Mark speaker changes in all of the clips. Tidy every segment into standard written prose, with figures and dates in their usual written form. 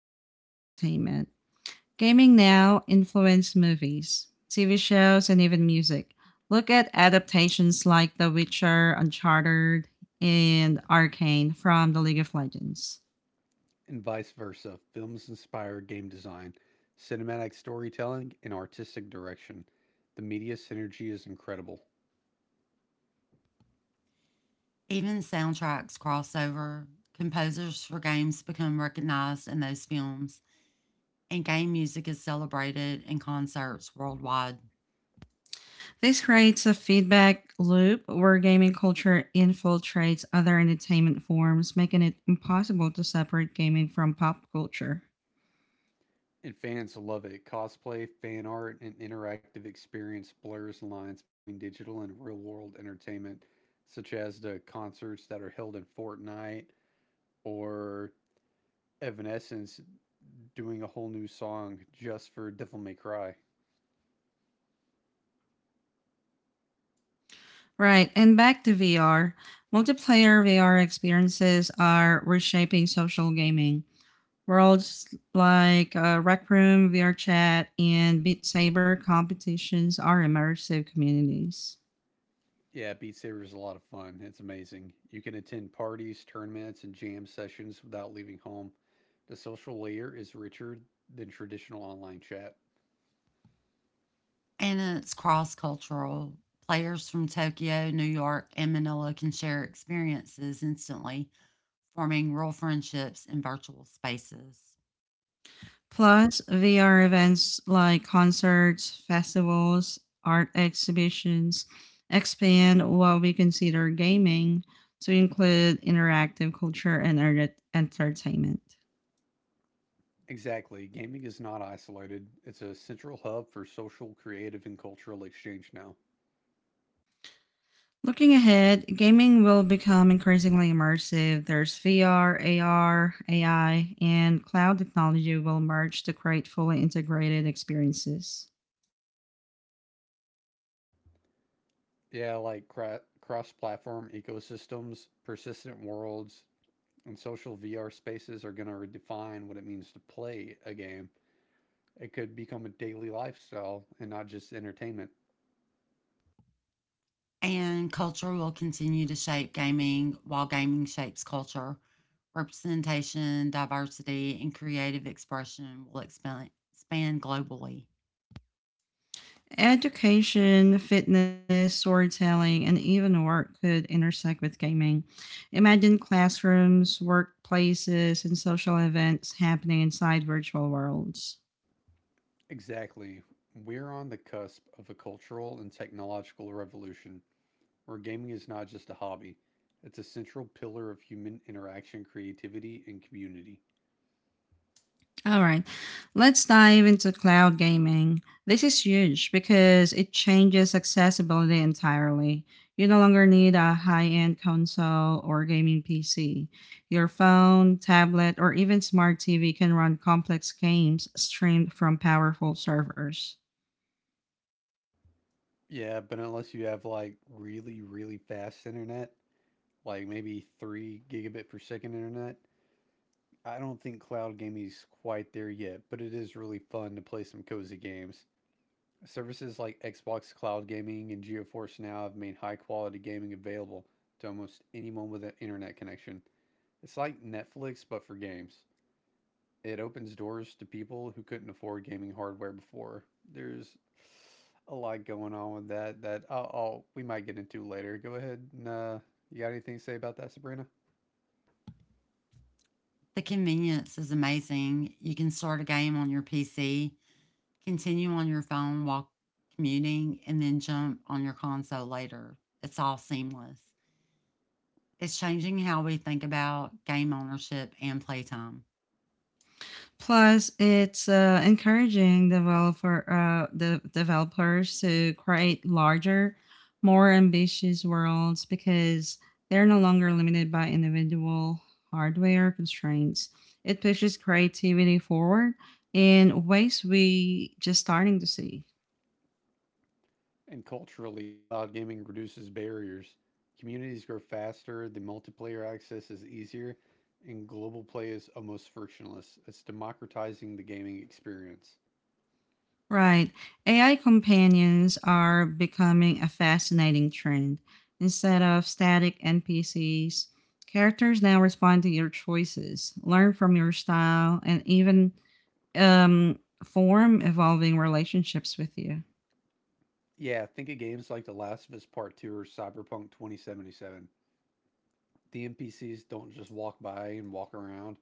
Speaker 1: gaming and entertainment. Gaming now influences movies, TV shows, and even music. Look at adaptations like The Witcher, Uncharted, and Arcane from the League of Legends.
Speaker 2: And vice versa. Films inspire game design, cinematic storytelling, and artistic direction. The media synergy is incredible.
Speaker 3: Even soundtracks cross over. Composers for games become recognized in those films, and game music is celebrated in concerts worldwide.
Speaker 1: This creates a feedback loop where gaming culture infiltrates other entertainment forms, making it impossible to separate gaming from pop culture.
Speaker 2: And fans love it. Cosplay, fan art, and interactive experience blurs lines between digital and real world entertainment, such as the concerts that are held in Fortnite or Evanescence doing a whole new song just for Devil May Cry.
Speaker 1: Right, and back to VR. Multiplayer VR experiences are reshaping social gaming. Worlds like Rec Room, VR Chat, and Beat Saber competitions are immersive communities.
Speaker 2: Yeah, Beat Saber is a lot of fun. It's amazing. You can attend parties, tournaments, and jam sessions without leaving home. The social layer is richer than traditional online chat.
Speaker 3: And it's cross cultural. Players from Tokyo, New York, and Manila can share experiences instantly, forming real friendships in virtual spaces.
Speaker 1: Plus, VR events like concerts, festivals, art exhibitions expand what we consider gaming to include interactive culture and entertainment.
Speaker 2: Exactly. Gaming is not isolated. It's a central hub for social, creative, and cultural exchange now.
Speaker 1: Looking ahead, gaming will become increasingly immersive. There's VR, AR, AI, and cloud technology will merge to create fully integrated experiences.
Speaker 2: Yeah, like cross-platform ecosystems, persistent worlds, and social VR spaces are going to redefine what it means to play a game. It could become a daily lifestyle and not just entertainment.
Speaker 3: And culture will continue to shape gaming while gaming shapes culture. Representation, diversity, and creative expression will expand globally.
Speaker 1: Education, fitness, storytelling, and even work could intersect with gaming. Imagine classrooms, workplaces, and social events happening inside virtual worlds.
Speaker 2: Exactly. We're on the cusp of a cultural and technological revolution where gaming is not just a hobby, it's a central pillar of human interaction, creativity, and community.
Speaker 1: All right, let's dive into cloud gaming. This is huge because it changes accessibility entirely. You no longer need a high end console or gaming PC. Your phone, tablet, or even smart TV can run complex games streamed from powerful servers.
Speaker 2: Yeah, but unless you have like really, really fast internet, like maybe 3 gigabit per second internet, I don't think cloud gaming's quite there yet, but it is really fun to play some cozy games. Services like Xbox Cloud Gaming and GeForce Now have made high quality gaming available to almost anyone with an internet connection. It's like Netflix, but for games. It opens doors to people who couldn't afford gaming hardware before. There's a lot going on with that that I'll we might get into later. Go ahead and you got anything to say about that, Sabrina?
Speaker 3: The convenience is amazing. You can start a game on your PC, continue on your phone while commuting, and then jump on your console later. It's all seamless. It's changing how we think about game ownership and playtime.
Speaker 1: Plus, it's encouraging developer the developers to create larger, more ambitious worlds because they're no longer limited by individual hardware constraints. It pushes creativity forward in ways we just starting to see.
Speaker 2: And culturally, cloud gaming reduces barriers. Communities grow faster, the multiplayer access is easier, and global play is almost frictionless. It's democratizing the gaming experience.
Speaker 1: Right. AI companions are becoming a fascinating trend. Instead of static NPCs, characters now respond to your choices, learn from your style, and even form evolving relationships with you.
Speaker 2: Yeah, think of games like The Last of Us Part 2 or Cyberpunk 2077. The NPCs don't just walk by and walk around,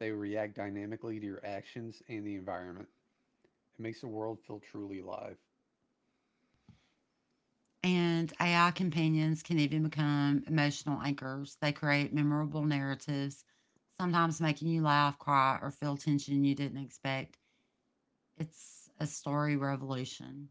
Speaker 2: they react dynamically to your actions and the environment. It makes the world feel truly alive.
Speaker 3: And AI companions can even become emotional anchors. They create memorable narratives, sometimes making you laugh, cry, or feel tension you didn't expect. It's a story revolution,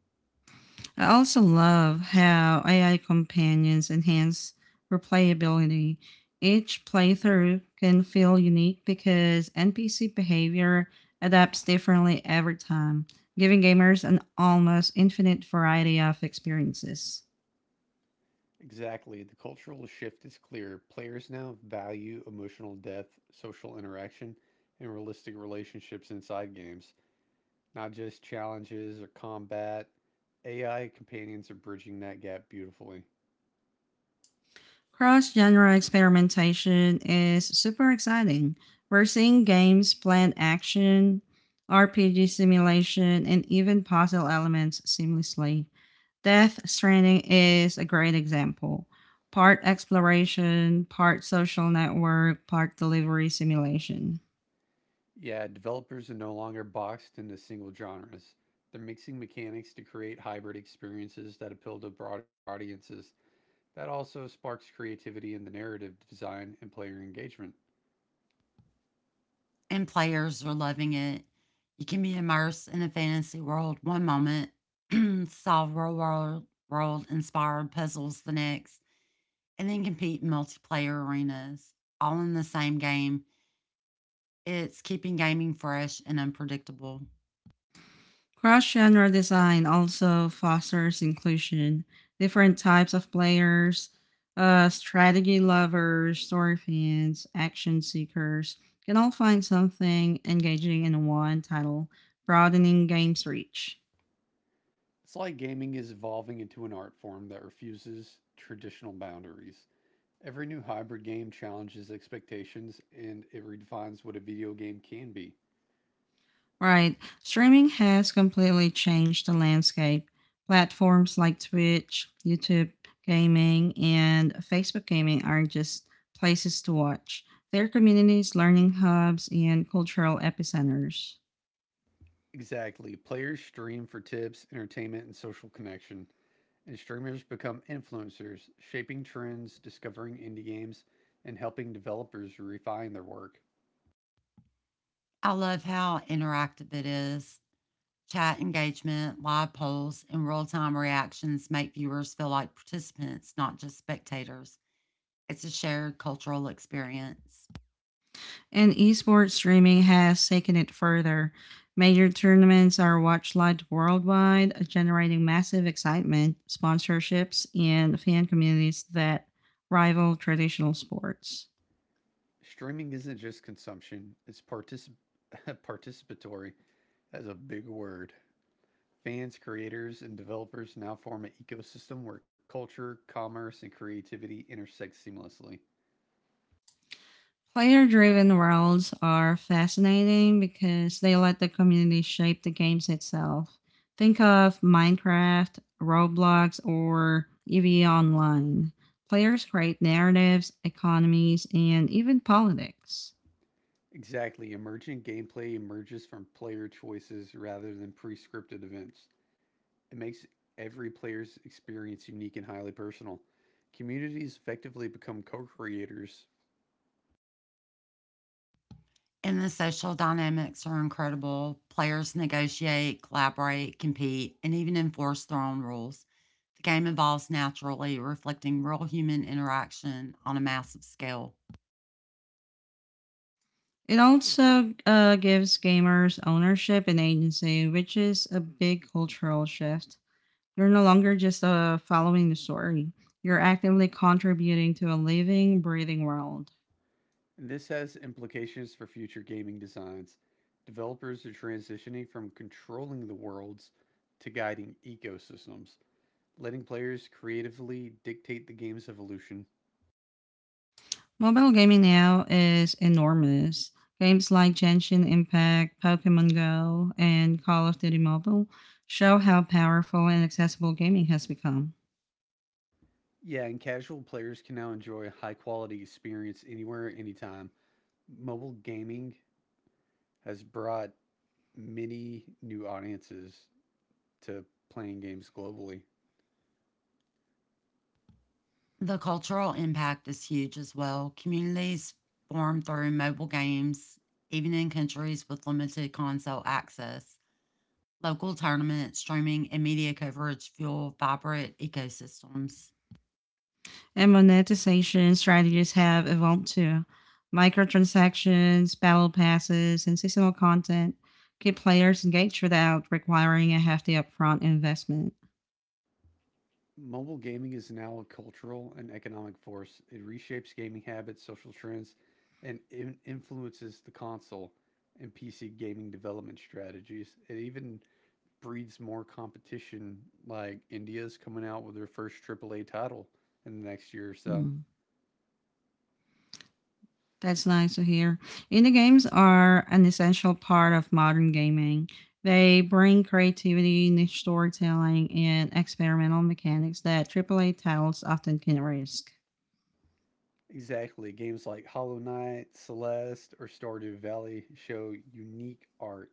Speaker 1: I also love how AI companions enhance replayability. Each playthrough can feel unique because NPC behavior adapts differently every time, giving gamers an almost infinite variety of experiences.
Speaker 2: Exactly. The cultural shift is clear. Players now value emotional depth, social interaction, and realistic relationships inside games, not just challenges or combat. AI companions are bridging that gap beautifully.
Speaker 1: Cross genre experimentation is super exciting. We're seeing games blend action, RPG simulation, and even puzzle elements seamlessly. Death Stranding is a great example. Part exploration, part social network, part delivery simulation.
Speaker 2: Yeah, developers are no longer boxed into single genres. They're mixing mechanics to create hybrid experiences that appeal to broader audiences. That also sparks creativity in the narrative design and player engagement.
Speaker 3: and players are loving it. You can be immersed in a fantasy world one moment, solve real world, world inspired puzzles the next, and then compete in multiplayer arenas, all in the same game. It's keeping gaming fresh and unpredictable.
Speaker 1: Cross genre design also fosters inclusion. Different types of players, strategy lovers, story fans, action seekers can all find something engaging in one title, broadening game's reach.
Speaker 2: Sly gaming is evolving into an art form that refuses traditional boundaries. Every new hybrid game challenges expectations and it redefines what a video game can be.
Speaker 1: Right. Streaming has completely changed the landscape. Platforms like Twitch, YouTube gaming, and Facebook gaming aren't just places to watch. They're communities, learning hubs, and cultural epicenters.
Speaker 2: Exactly. Players stream for tips, entertainment, and social connection, and streamers become influencers, shaping trends, discovering indie games, and helping developers refine their work.
Speaker 3: I love how interactive it is. Chat engagement, live polls, and real time reactions make viewers feel like participants, not just spectators. It's a shared cultural experience.
Speaker 1: And esports streaming has taken it further. Major tournaments are watched live worldwide, generating massive excitement, sponsorships, and fan communities that rival traditional sports.
Speaker 2: Streaming isn't just consumption, it's participatory. That's a big word. Fans, creators, and developers now form an ecosystem where culture, commerce, and creativity intersect seamlessly.
Speaker 1: Player driven worlds are fascinating because they let the community shape the games itself. Think of Minecraft, Roblox, or EVE Online. Players create narratives, economies, and even politics.
Speaker 2: Exactly, emergent gameplay emerges from player choices rather than pre-scripted events. It makes every player's experience unique and highly personal. Communities effectively become co-creators,
Speaker 3: And the social dynamics are incredible. Players negotiate, collaborate, compete, and even enforce their own rules. The game evolves naturally, reflecting real human interaction on a massive scale.
Speaker 1: It also gives gamers ownership and agency, which is a big cultural shift. You're no longer just following the story, you're actively contributing to a living, breathing world.
Speaker 2: and this has implications for future gaming designs. Developers are transitioning from controlling the worlds to guiding ecosystems, letting players creatively dictate the game's evolution.
Speaker 1: Mobile gaming now is enormous. Games like Genshin Impact, Pokemon Go, and Call of Duty Mobile show how powerful and accessible gaming has become.
Speaker 2: Yeah, and casual players can now enjoy a high quality experience anywhere, anytime. Mobile gaming has brought many new audiences to playing games globally.
Speaker 3: The cultural impact is huge as well. Communities form through mobile games, even in countries with limited console access. Local tournaments, streaming, and media coverage fuel vibrant ecosystems.
Speaker 1: And monetization strategies have evolved too. Microtransactions, battle passes, and seasonal content keep players engaged without requiring a hefty upfront investment.
Speaker 2: Mobile gaming is now a cultural and economic force. It reshapes gaming habits, social trends, and influences the console and PC gaming development strategies. It even breeds more competition. Like India's coming out with their first AAA title in the next year or so.
Speaker 1: Hmm. That's nice to hear. Indie games are an essential part of modern gaming. They bring creativity, niche storytelling, and experimental mechanics that AAA titles often can risk.
Speaker 2: Exactly. Games like Hollow Knight, Celeste, or Stardew Valley show unique art.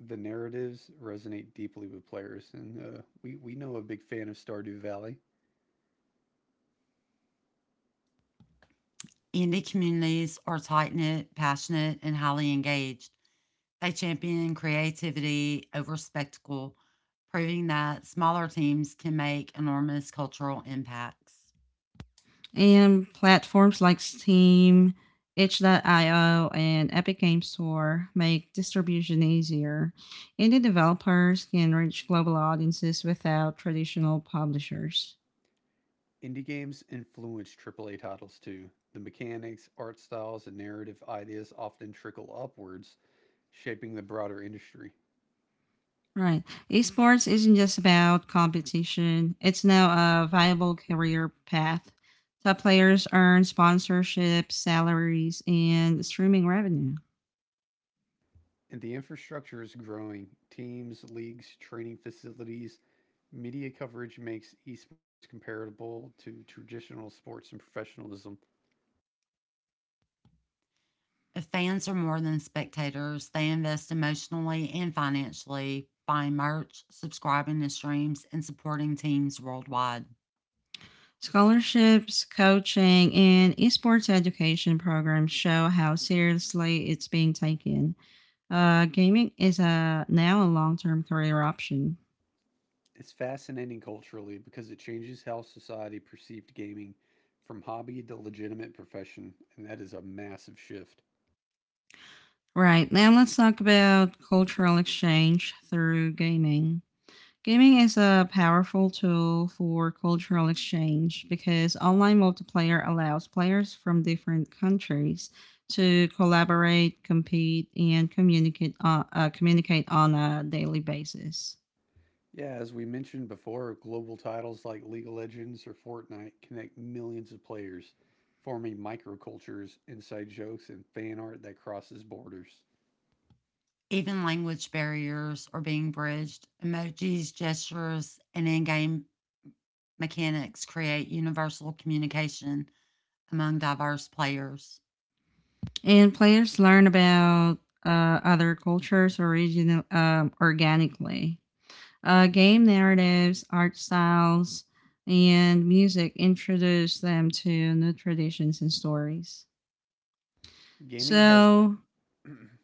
Speaker 2: The narratives resonate deeply with players, and we know a big fan of Stardew Valley.
Speaker 3: Indie communities are tight knit, passionate, and highly engaged. They champion creativity over spectacle, proving that smaller teams can make enormous cultural impacts.
Speaker 1: And platforms like Steam, itch.io, and Epic Games Store make distribution easier. Indie developers can reach global audiences without traditional publishers.
Speaker 2: Indie games influence AAA titles too. The mechanics, art styles, and narrative ideas often trickle upwards, shaping the broader industry.
Speaker 1: Right. Esports isn't just about competition, it's now a viable career path. Top players earn sponsorships, salaries, and streaming revenue.
Speaker 2: And the infrastructure is growing. Teams, leagues, training facilities, media coverage makes esports comparable to traditional sports and professionalism.
Speaker 3: If fans are more than spectators, they invest emotionally and financially, buying merch, subscribing to streams, and supporting teams worldwide.
Speaker 1: Scholarships, coaching, and esports education programs show how seriously it's being taken. Now a long term career option.
Speaker 2: It's fascinating culturally because it changes how society perceived gaming from hobby to legitimate profession, and that is a massive shift.
Speaker 1: Right, now let's talk about cultural exchange through gaming. Gaming is a powerful tool for cultural exchange because online multiplayer allows players from different countries to collaborate, compete, and communicate on a daily basis.
Speaker 2: Yeah, as we mentioned before, global titles like League of Legends or Fortnite connect millions of players, forming microcultures, inside jokes, and fan art that crosses borders.
Speaker 3: Even language barriers are being bridged. Emojis, gestures, and in game mechanics create universal communication among diverse players.
Speaker 1: And players learn about uh, other cultures organically. Game narratives, art styles, and music introduce them to new traditions and stories.
Speaker 2: Gaming has a
Speaker 1: So,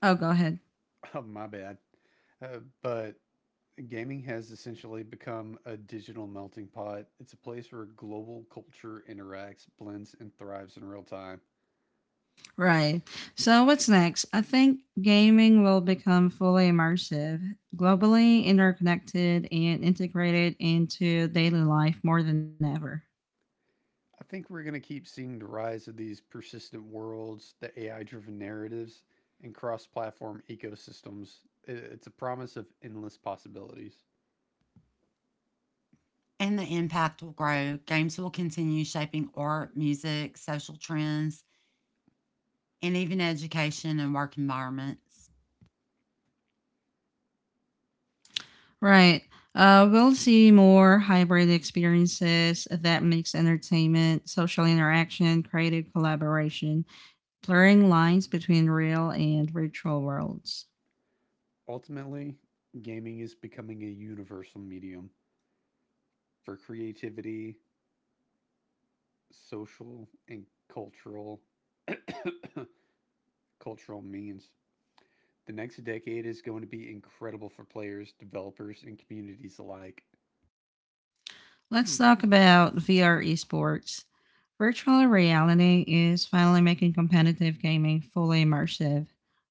Speaker 1: oh, go ahead.
Speaker 2: Oh, my bad. But gaming has essentially become a digital melting pot. It's a place where global culture interacts, blends, and thrives in real time.
Speaker 1: Right. So, what's next? I think gaming will become fully immersive, globally interconnected, and integrated into daily life more than ever.
Speaker 2: I think we're going to keep seeing the rise of these persistent worlds, the AI driven narratives, and cross platform ecosystems. It's a promise of endless possibilities.
Speaker 3: And the impact will grow. Games will continue shaping art, music, social trends, and even education and work environments.
Speaker 1: Right. We'll see more hybrid experiences that mix entertainment, social interaction, creative collaboration, blurring lines between real and virtual worlds.
Speaker 2: Ultimately, gaming is becoming a universal medium for creativity, social, and cultural cultural means. The next decade is going to be incredible for players, developers, and communities alike.
Speaker 1: Let's talk about VR esports. Virtual reality is finally making competitive gaming fully immersive.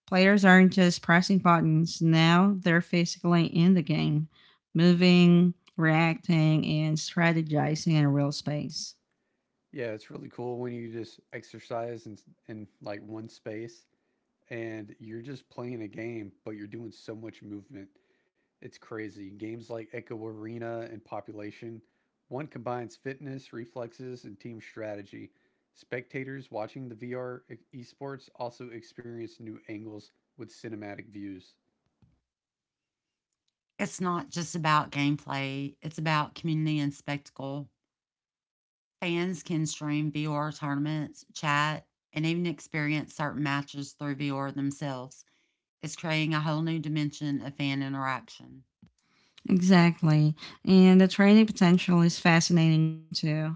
Speaker 1: Players aren't just pressing buttons, now they're physically in the game, moving, reacting, and strategizing in a real space.
Speaker 2: Yeah, it's really cool when you just exercise in like one space and you're just playing a game, but you're doing so much movement. It's crazy. Games like Echo Arena and Population, one combines fitness, reflexes, and team strategy. Spectators watching the VR esports also experience new angles with cinematic views.
Speaker 3: It's not just about gameplay, it's about community and spectacle. Fans can stream VR tournaments, chat, and even experience certain matches through VR themselves. It's creating a whole new dimension of fan interaction.
Speaker 1: Exactly, and the training potential is fascinating too.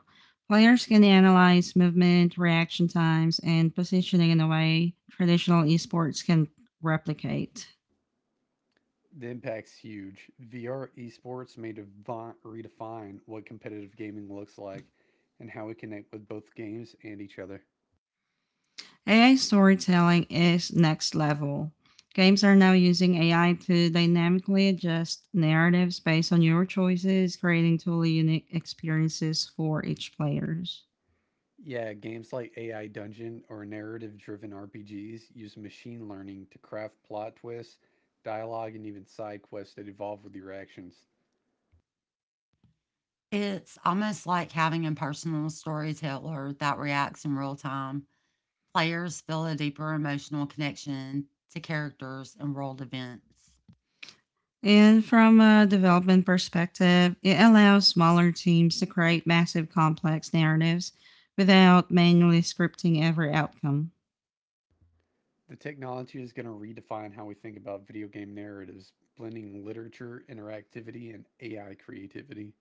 Speaker 1: Players can analyze movement, reaction times, and positioning in a way traditional esports can replicate.
Speaker 2: The impact's huge. VR esports may redefine what competitive gaming looks like and how we connect with both games and each other.
Speaker 1: AI storytelling is next level. Games are now using AI to dynamically adjust narratives based on your choices, creating totally unique experiences for each players.
Speaker 2: Yeah, games like AI Dungeon or narrative driven RPGs use machine learning to craft plot twists, dialogue, and even side quests that evolve with your actions.
Speaker 3: It's almost like having a personal storyteller that reacts in real time. Players feel a deeper emotional connection to characters and world events.
Speaker 1: And from a development perspective, it allows smaller teams to create massive complex narratives without manually scripting every outcome.
Speaker 2: The technology is going to redefine how we think about video game narratives, blending literature, interactivity, and AI creativity.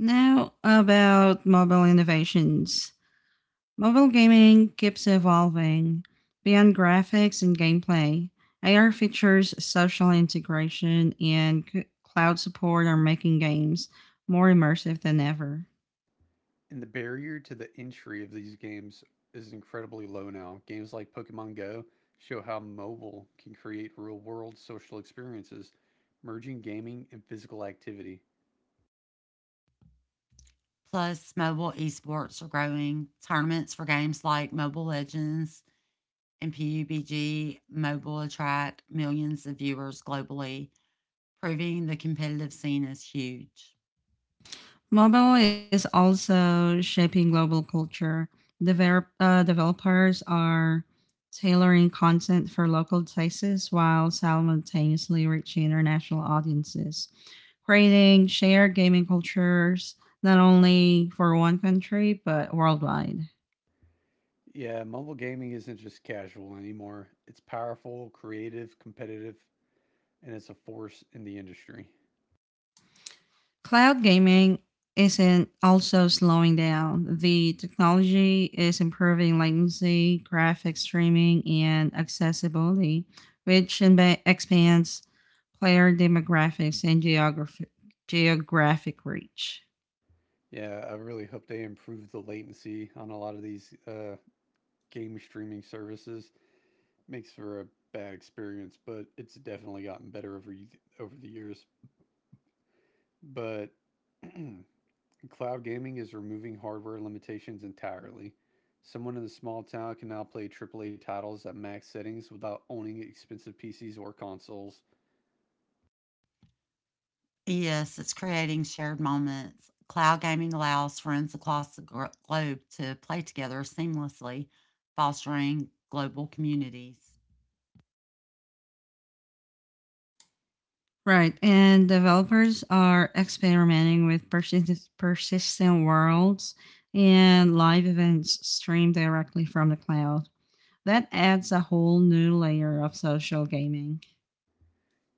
Speaker 1: Now, about mobile innovations. Mobile gaming keeps evolving beyond graphics and gameplay. AR features, social integration, and cloud support are making games more immersive than ever.
Speaker 2: And the barrier to the entry of these games is incredibly low now. Games like Pokemon Go show how mobile can create real world social experiences, merging gaming and physical activity.
Speaker 3: Plus, mobile esports are growing. Tournaments for games like Mobile Legends and PUBG Mobile attract millions of viewers globally, proving the competitive scene is huge.
Speaker 1: Mobile is also shaping global culture. Developers are tailoring content for local tastes while simultaneously reaching international audiences, creating shared gaming cultures not only for one country but worldwide.
Speaker 2: Yeah, mobile gaming isn't just casual anymore. It's powerful, creative, competitive, and it's a force in the industry.
Speaker 1: Cloud gaming isn't also slowing down. The technology is improving latency, graphics streaming, and accessibility, which expands player demographics and geographic reach.
Speaker 2: Yeah, I really hope they improve the latency on a lot of these game streaming services. Makes for a bad experience, but it's definitely gotten better over the years. But cloud gaming is removing hardware limitations entirely. Someone in a small town can now play AAA titles at max settings without owning expensive PCs or consoles.
Speaker 3: Yes, it's creating shared moments. Cloud gaming allows friends across the globe to play together seamlessly, fostering global communities.
Speaker 1: Right, and developers are experimenting with persistent worlds and live events streamed directly from the cloud. That adds a whole new layer of social gaming.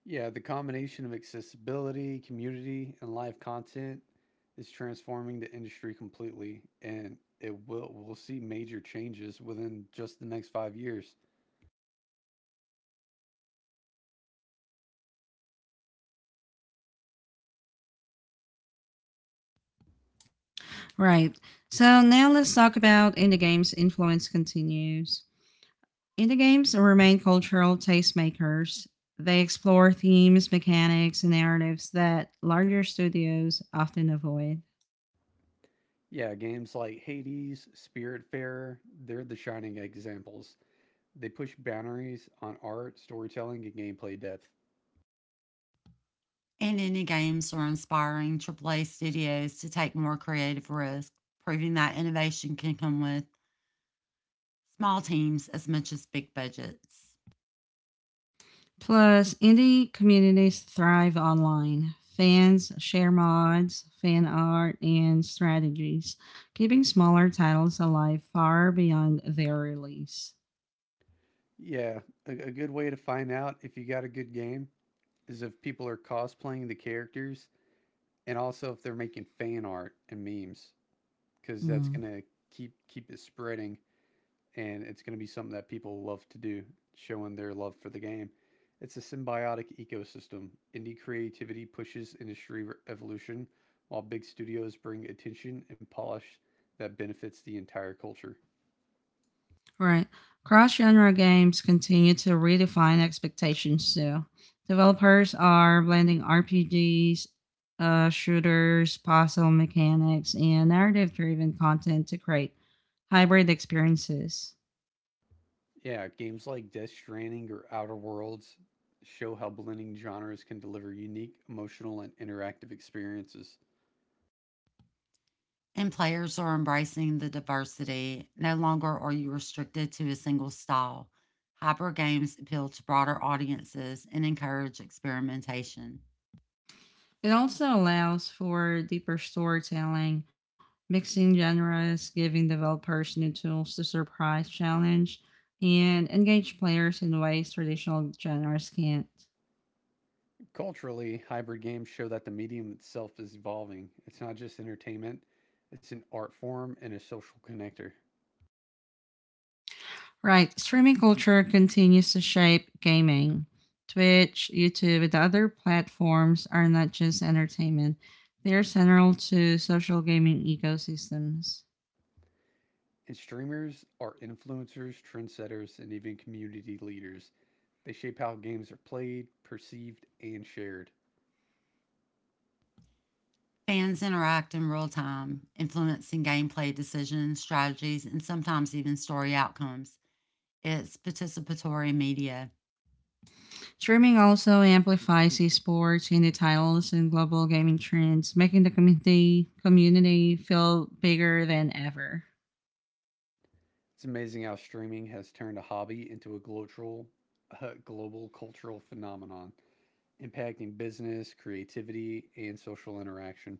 Speaker 2: Yeah, the combination of accessibility, community, and live content is transforming the industry completely, and it will we'll see major changes within just the next 5 years.
Speaker 1: Right. So now let's talk about indie games' influence continues. Indie games remain cultural tastemakers. They explore themes, mechanics, and narratives that larger studios often avoid.
Speaker 2: Yeah, games like Hades, Spiritfarer, they're the shining examples. They push boundaries on art, storytelling, and gameplay depth.
Speaker 3: And indie games are inspiring AAA studios to take more creative risks, proving that innovation can come with small teams as much as big budgets.
Speaker 1: Plus, indie communities thrive online. Fans share mods, fan art, and strategies, keeping smaller titles alive far beyond their release.
Speaker 2: Yeah, a good way to find out if you got a good game is if people are cosplaying the characters and also if they're making fan art and memes because that's
Speaker 1: Mm.
Speaker 2: gonna keep it spreading and it's gonna be something that people love to do, showing their love for the game. It's a symbiotic ecosystem. Indie creativity pushes industry evolution, while big studios bring attention and polish that benefits the entire culture.
Speaker 1: Right. Cross genre games continue to redefine expectations, too. Developers are blending RPGs, shooters, puzzle mechanics, and narrative driven content to create hybrid experiences.
Speaker 2: Yeah, games like Death Stranding or Outer Worlds show how blending genres can deliver unique, emotional, and interactive experiences.
Speaker 3: And players are embracing the diversity. No longer are you restricted to a single style. Hyper games appeal to broader audiences and encourage experimentation.
Speaker 1: It also allows for deeper storytelling, mixing genres, giving developers new tools to surprise, challenge, and engage players in ways traditional genres can't.
Speaker 2: Culturally, hybrid games show that the medium itself is evolving. It's not just entertainment, it's an art form and a social connector.
Speaker 1: Right. Streaming culture continues to shape gaming. Twitch, YouTube, and other platforms are not just entertainment, they are central to social gaming ecosystems.
Speaker 2: And streamers are influencers, trendsetters, and even community leaders. They shape how games are played, perceived, and shared.
Speaker 3: Fans interact in real time, influencing gameplay decisions, strategies, and sometimes even story outcomes. It's participatory media.
Speaker 1: Streaming also amplifies esports, indie titles, and global gaming trends, making the community feel bigger than ever.
Speaker 2: It's amazing how streaming has turned a hobby into a global cultural phenomenon, impacting business, creativity, and social interaction.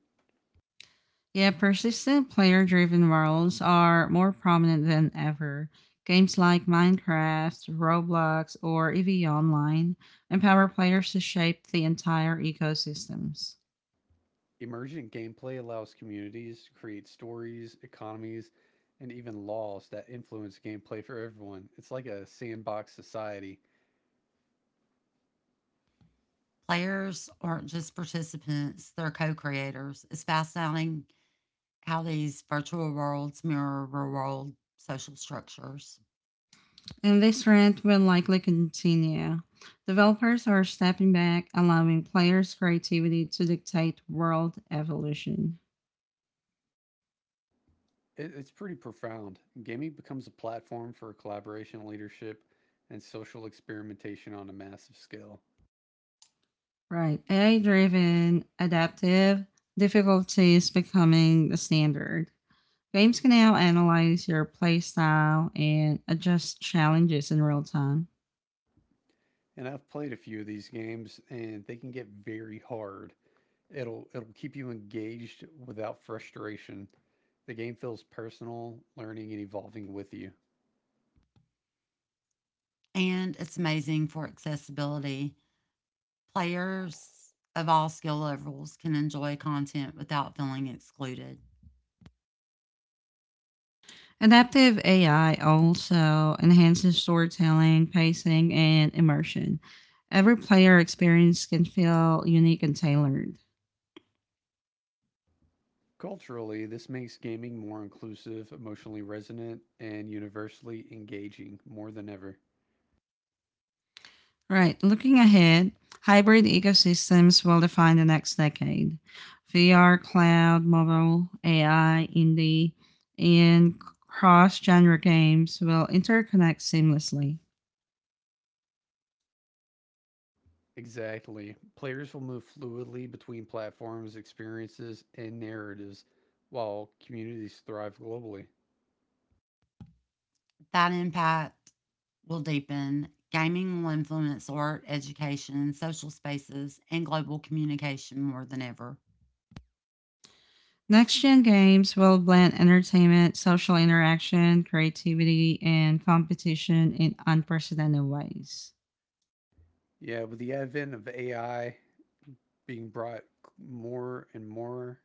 Speaker 1: Yeah, persistent player driven worlds are more prominent than ever. Games like Minecraft, Roblox, or EVE Online empower players to shape the entire ecosystems.
Speaker 2: Emergent gameplay allows communities to create stories, economies, and even laws that influence gameplay for everyone. It's like a sandbox society.
Speaker 3: Players aren't just participants, they're co creators. It's fascinating how these virtual worlds mirror real world social structures.
Speaker 1: And this trend will likely continue. Developers are stepping back, allowing players' creativity to dictate world evolution.
Speaker 2: It's pretty profound. Gaming becomes a platform for collaboration, leadership, and social experimentation on a massive scale.
Speaker 1: Right, AI driven, adaptive difficulty is becoming the standard. Games can now analyze your playstyle and adjust challenges in real time.
Speaker 2: And I've played a few of these games and they can get very hard. It'll keep you engaged without frustration. The game feels personal, learning, and evolving with you.
Speaker 3: And it's amazing for accessibility. Players of all skill levels can enjoy content without feeling excluded.
Speaker 1: Adaptive AI also enhances storytelling, pacing, and immersion. Every player experience can feel unique and tailored.
Speaker 2: Culturally, this makes gaming more inclusive, emotionally resonant, and universally engaging more than ever.
Speaker 1: Right, looking ahead, hybrid ecosystems will define the next decade. VR, cloud, mobile, AI, indie, and cross genre games will interconnect seamlessly.
Speaker 2: Exactly. Players will move fluidly between platforms, experiences, and narratives while communities thrive globally.
Speaker 3: That impact will deepen. Gaming will influence art, education, social spaces, and global communication more than ever.
Speaker 1: Next gen games will blend entertainment, social interaction, creativity, and competition in unprecedented ways.
Speaker 2: Yeah, with the advent of AI being brought more and more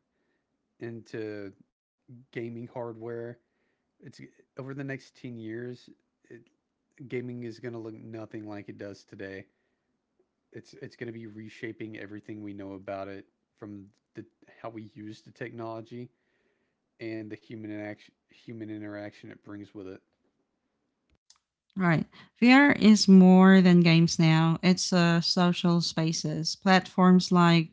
Speaker 2: into gaming hardware, it's over the next 10 years, it, gaming is going to look nothing like it does today. It's going to be reshaping everything we know about it, from the how we use the technology and the human interaction it brings with it.
Speaker 1: Right. VR is more than games now. It's social spaces. Platforms like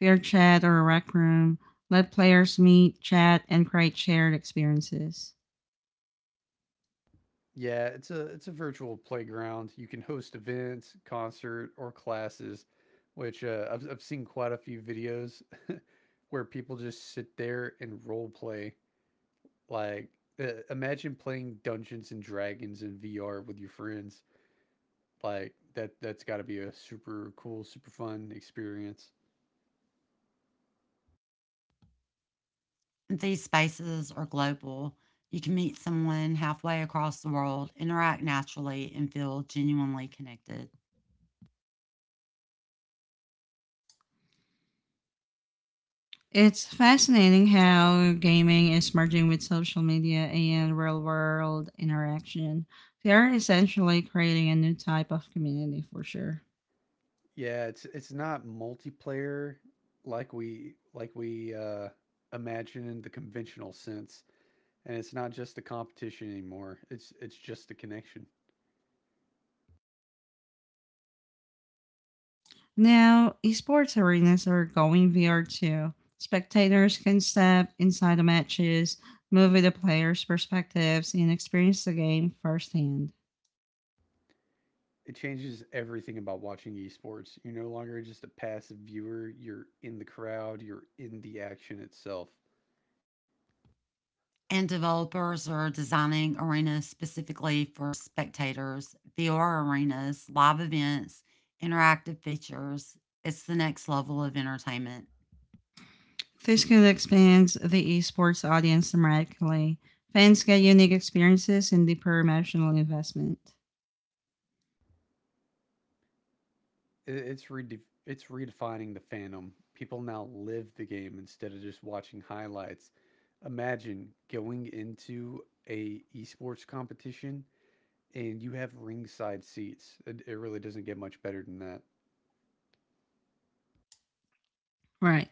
Speaker 1: VR Chat or Rec Room let players meet, chat, and create shared experiences.
Speaker 2: Yeah, it's a virtual playground. You can host events, concert, or classes, which I've seen quite a few videos where people just sit there and role play. Like, imagine playing Dungeons and Dragons in VR with your friends. Like that's got to be a super cool, super fun experience.
Speaker 3: These spaces are global. You can meet someone halfway across the world, interact naturally, and feel genuinely connected.
Speaker 1: It's fascinating how gaming is merging with social media and real world interaction. They are essentially creating a new type of community for sure.
Speaker 2: Yeah, it's not multiplayer like we imagine in the conventional sense, and it's not just a competition anymore. It's just a connection.
Speaker 1: Now, esports arenas are going VR too. Spectators can step inside the matches, move with the players' perspectives, and experience the game firsthand.
Speaker 2: It changes everything about watching esports. You're no longer just a passive viewer. You're in the crowd. You're in the action itself.
Speaker 3: And developers are designing arenas specifically for spectators, VR arenas, live events, interactive features. It's the next level of entertainment.
Speaker 1: This could expand the esports audience dramatically. Fans get unique experiences and deeper emotional investment.
Speaker 2: It's it's redefining the fandom. People now live the game instead of just watching highlights. Imagine going into a esports competition and you have ringside seats. It really doesn't get much better than that.
Speaker 1: Right.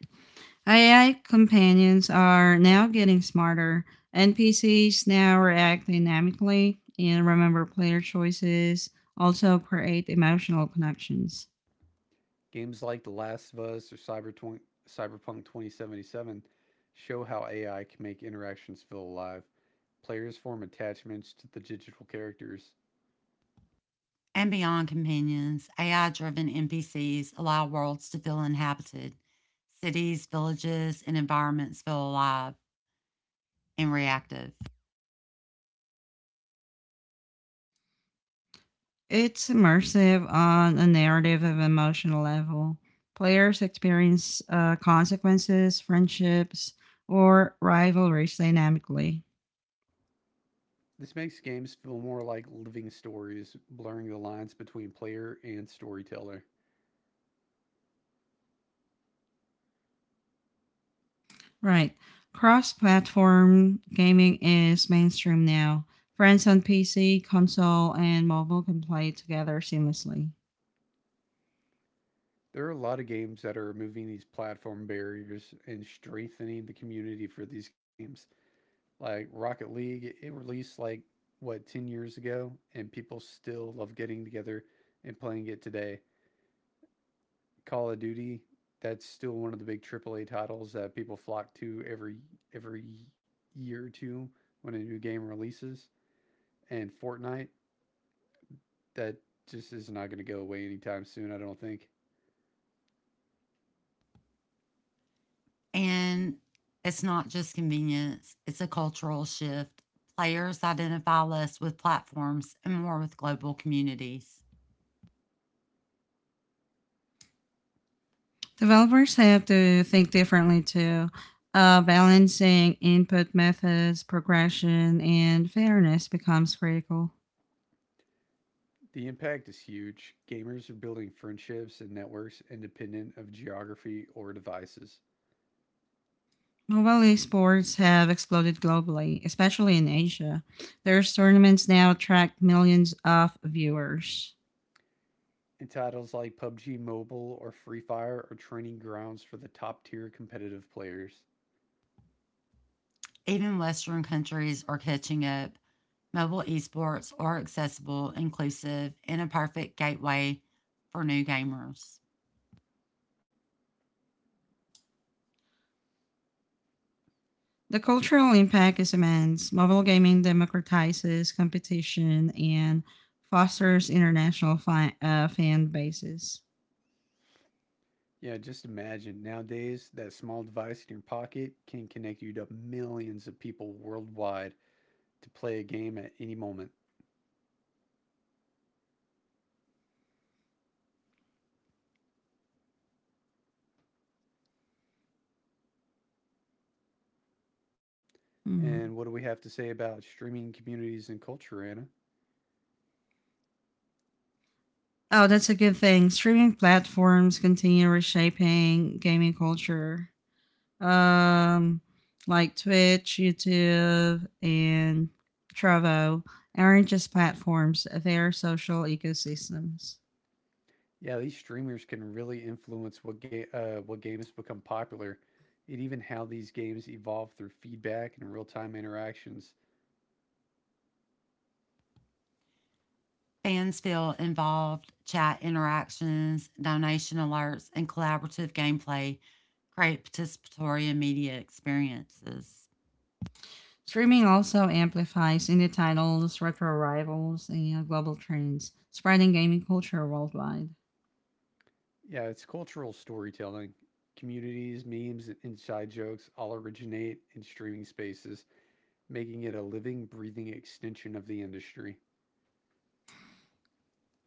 Speaker 1: AI companions are now getting smarter. NPCs now react dynamically and remember player choices, also create emotional connections.
Speaker 2: Games like The Last of Us or Cyberpunk 2077 show how AI can make interactions feel alive. Players form attachments to the digital characters.
Speaker 3: And beyond companions, AI driven NPCs allow worlds to feel inhabited. Cities, villages, and environments feel alive and reactive.
Speaker 1: It's immersive on a narrative of emotional level. Players experience consequences, friendships, or rivalries dynamically.
Speaker 2: This makes games feel more like living stories, blurring the lines between player and storyteller.
Speaker 1: Right. Cross platform gaming is mainstream now. Friends on PC, console, and mobile can play together seamlessly.
Speaker 2: There are a lot of games that are removing these platform barriers and strengthening the community for these games. Like Rocket League, it released like what, 10 years ago, and people still love getting together and playing it today. Call of Duty, that's still one of the big AAA titles that people flock to every year or two when a new game releases. And Fortnite, that just is not going to go away anytime soon, I don't think.
Speaker 3: And it's not just convenience, it's a cultural shift. Players identify less with platforms and more with global communities.
Speaker 1: Developers have to think differently too, balancing input methods, progression, and fairness becomes critical.
Speaker 2: The impact is huge. Gamers are building friendships and networks independent of geography or devices.
Speaker 1: Mobile esports have exploded globally, especially in Asia. Their tournaments now attract millions of viewers.
Speaker 2: And titles like PUBG Mobile or Free Fire are training grounds for the top tier competitive players.
Speaker 3: Even Western countries are catching up. Mobile esports are accessible, inclusive, and a perfect gateway for new gamers.
Speaker 1: The cultural impact is immense. Mobile gaming democratizes competition and fosters international fan bases.
Speaker 2: Yeah, just imagine nowadays that small device in your pocket can connect you to millions of people worldwide to play a game at any moment.
Speaker 1: Hmm.
Speaker 2: And what do we have to say about streaming communities and culture, Anna?
Speaker 1: Oh, that's a good thing. Streaming platforms continue reshaping gaming culture, um, like Twitch, YouTube, and Trovo aren't just platforms; they are social ecosystems.
Speaker 2: Yeah, these streamers can really influence what what games become popular, and even how these games evolve through feedback and real time interactions.
Speaker 3: Fans feel involved, chat interactions, donation alerts, and collaborative gameplay create participatory and media experiences.
Speaker 1: Streaming also amplifies indie titles, retro rivals, and global trends, spreading gaming culture worldwide.
Speaker 2: Yeah, it's cultural storytelling. Communities, memes, and inside jokes all originate in streaming spaces, making it a living, breathing extension of the industry.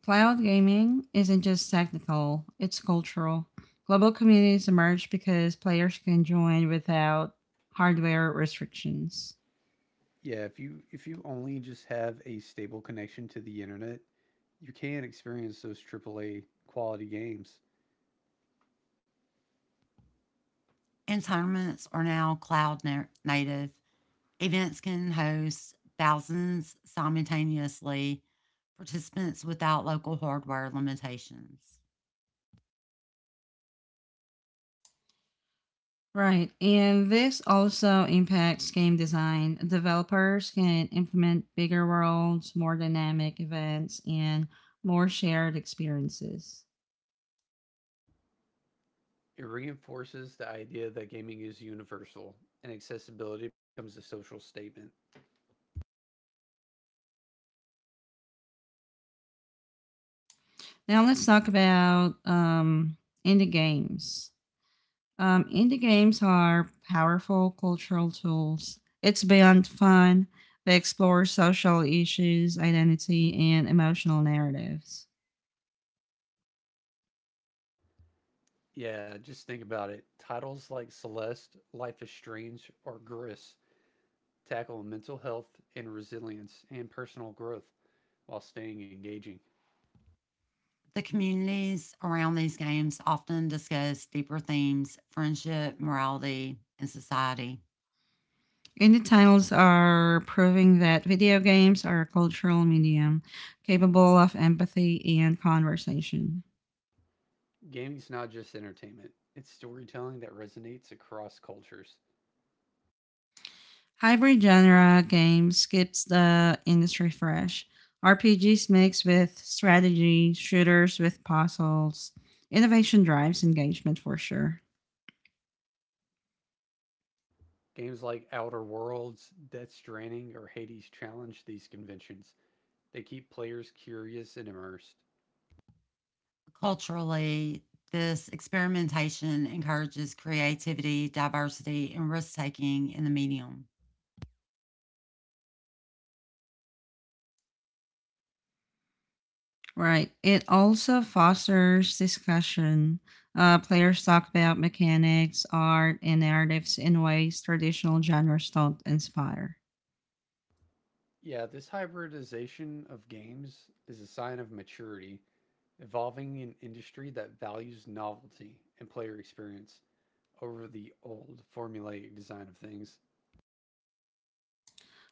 Speaker 1: Cloud gaming isn't just technical, it's cultural. Global communities emerge because players can join without hardware restrictions.
Speaker 2: Yeah, if you only just have a stable connection to the internet, you can experience those AAA quality games.
Speaker 3: And tournaments are now cloud native. Events can host thousands simultaneously, participants without local hardware limitations.
Speaker 1: Right, and this also impacts game design. Developers can implement bigger worlds, more dynamic events, and more shared experiences.
Speaker 2: It reinforces the idea that gaming is universal and accessibility becomes a social statement.
Speaker 1: Now let's talk about indie games. Indie games are powerful cultural tools. It's beyond fun. They explore social issues, identity, and emotional narratives.
Speaker 2: Yeah, just think about it. Titles like Celeste, Life is Strange, or Gris tackle mental health and resilience and personal growth while staying engaging.
Speaker 3: The communities around these games often discuss deeper themes friendship, morality, and society.
Speaker 1: Indie titles are proving that video games are a cultural medium capable of empathy and conversation.
Speaker 2: Gaming's not just entertainment, it's storytelling that resonates across cultures.
Speaker 1: Hybrid genre game skips the industry fresh. RPGs mixed with strategy, shooters with puzzles. Innovation drives engagement for sure.
Speaker 2: Games like Outer Worlds, Death Stranding, or Hades challenge these conventions. They keep players curious and immersed.
Speaker 3: Culturally, this experimentation encourages creativity, diversity, and risk taking in the medium.
Speaker 1: Right. It also fosters discussion. Players talk about mechanics, art, and narratives in ways traditional genres don't inspire.
Speaker 2: Yeah, this hybridization of games is a sign of maturity, evolving an industry that values novelty and player experience over the old formulaic design of things.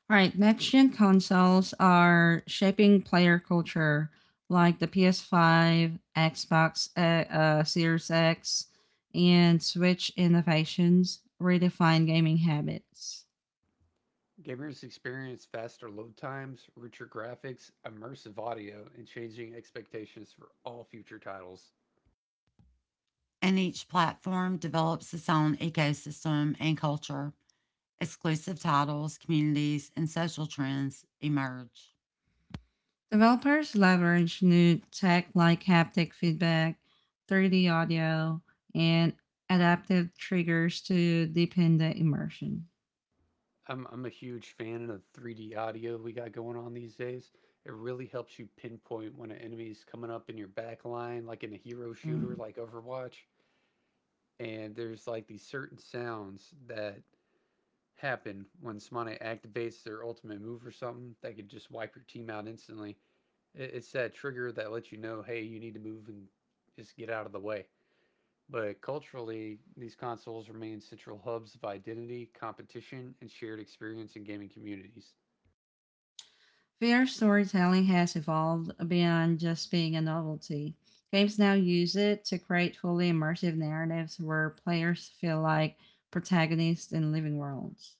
Speaker 1: All right, next gen consoles are shaping player culture, like the PS5, Xbox Series X, and Switch innovations redefine gaming habits.
Speaker 2: Gamers experience faster load times, richer graphics, immersive audio, and changing expectations for all future titles.
Speaker 3: And each platform develops its own ecosystem and culture. Exclusive titles, communities, and social trends emerge.
Speaker 1: Developers leverage new tech like haptic feedback, 3D audio, and adaptive triggers to deepen the immersion.
Speaker 2: I'm a huge fan of the 3D audio we got going on these days. It really helps you pinpoint when an enemy's coming up in your back line, like in a hero shooter
Speaker 1: Mm.
Speaker 2: like Overwatch. And there's like these certain sounds that happen when Smite activates their ultimate move or something that could just wipe your team out instantly. It's that trigger that lets you know, hey, you need to move and just get out of the way. But culturally, these consoles remain central hubs of identity, competition, and shared experience in gaming communities.
Speaker 1: VR storytelling has evolved beyond just being a novelty. Games now use it to create fully immersive narratives where players feel like protagonists in living worlds.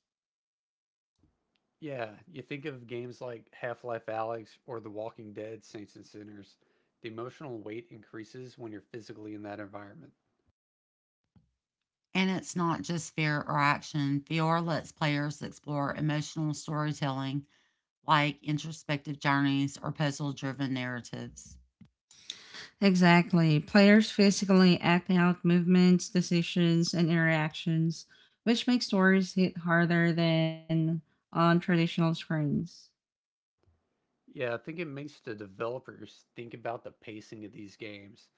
Speaker 2: Yeah, you think of games like Half Life Alyx or The Walking Dead Saints and Sinners, the emotional weight increases when you're physically in that environment.
Speaker 3: And it's not just fear or action. VR lets players explore emotional storytelling like introspective journeys or puzzle driven narratives.
Speaker 1: Exactly. Players physically act out movements, decisions, and interactions, which makes stories hit harder than on traditional screens.
Speaker 2: Yeah, I think it makes the developers think about the pacing of these games.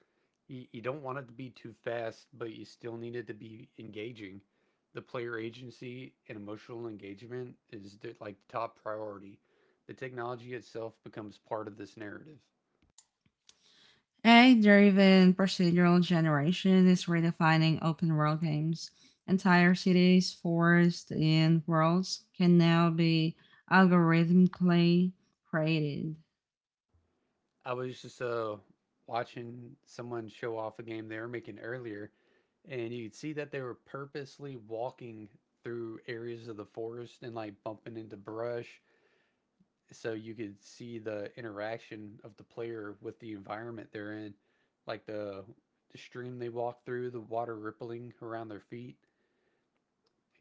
Speaker 2: You don't want it to be too fast, but you still need it to be engaging. The player agency and emotional engagement is like the top priority. The technology itself becomes part of this narrative.
Speaker 1: AI driven procedural generation is redefining open world games. Entire cities, forests, and worlds can now be algorithmically created.
Speaker 2: I was just watching someone show off a game they were making earlier, and you could see that they were purposely walking through areas of the forest and like bumping into brush so you could see the interaction of the player with the environment they're in, like the stream they walk through, the water rippling around their feet.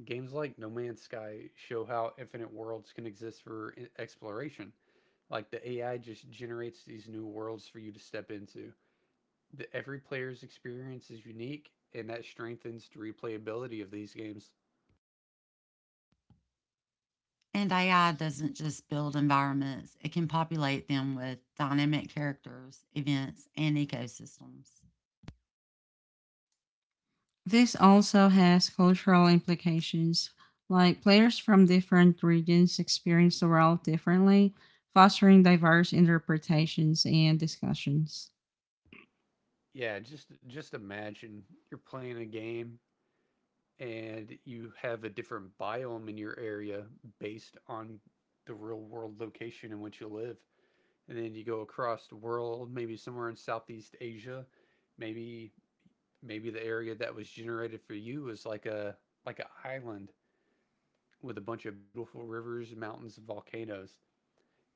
Speaker 2: Games like No Man's Sky show how infinite worlds can exist for exploration. Like the AI just generates these new worlds for you to step into. Every player's experience is unique, and that strengthens the replayability of these games.
Speaker 3: And AI doesn't just build environments, it can populate them with dynamic characters, events, and ecosystems.
Speaker 1: This also has cultural implications, like players from different regions experience the world differently, fostering diverse interpretations and discussions.
Speaker 2: Yeah, just imagine you're playing a game and you have a different biome in your area based on the real world location in which you live. And then you go across the world, maybe somewhere in Southeast Asia, maybe the area that was generated for you is like a like an island with a bunch of beautiful rivers, mountains, and volcanoes.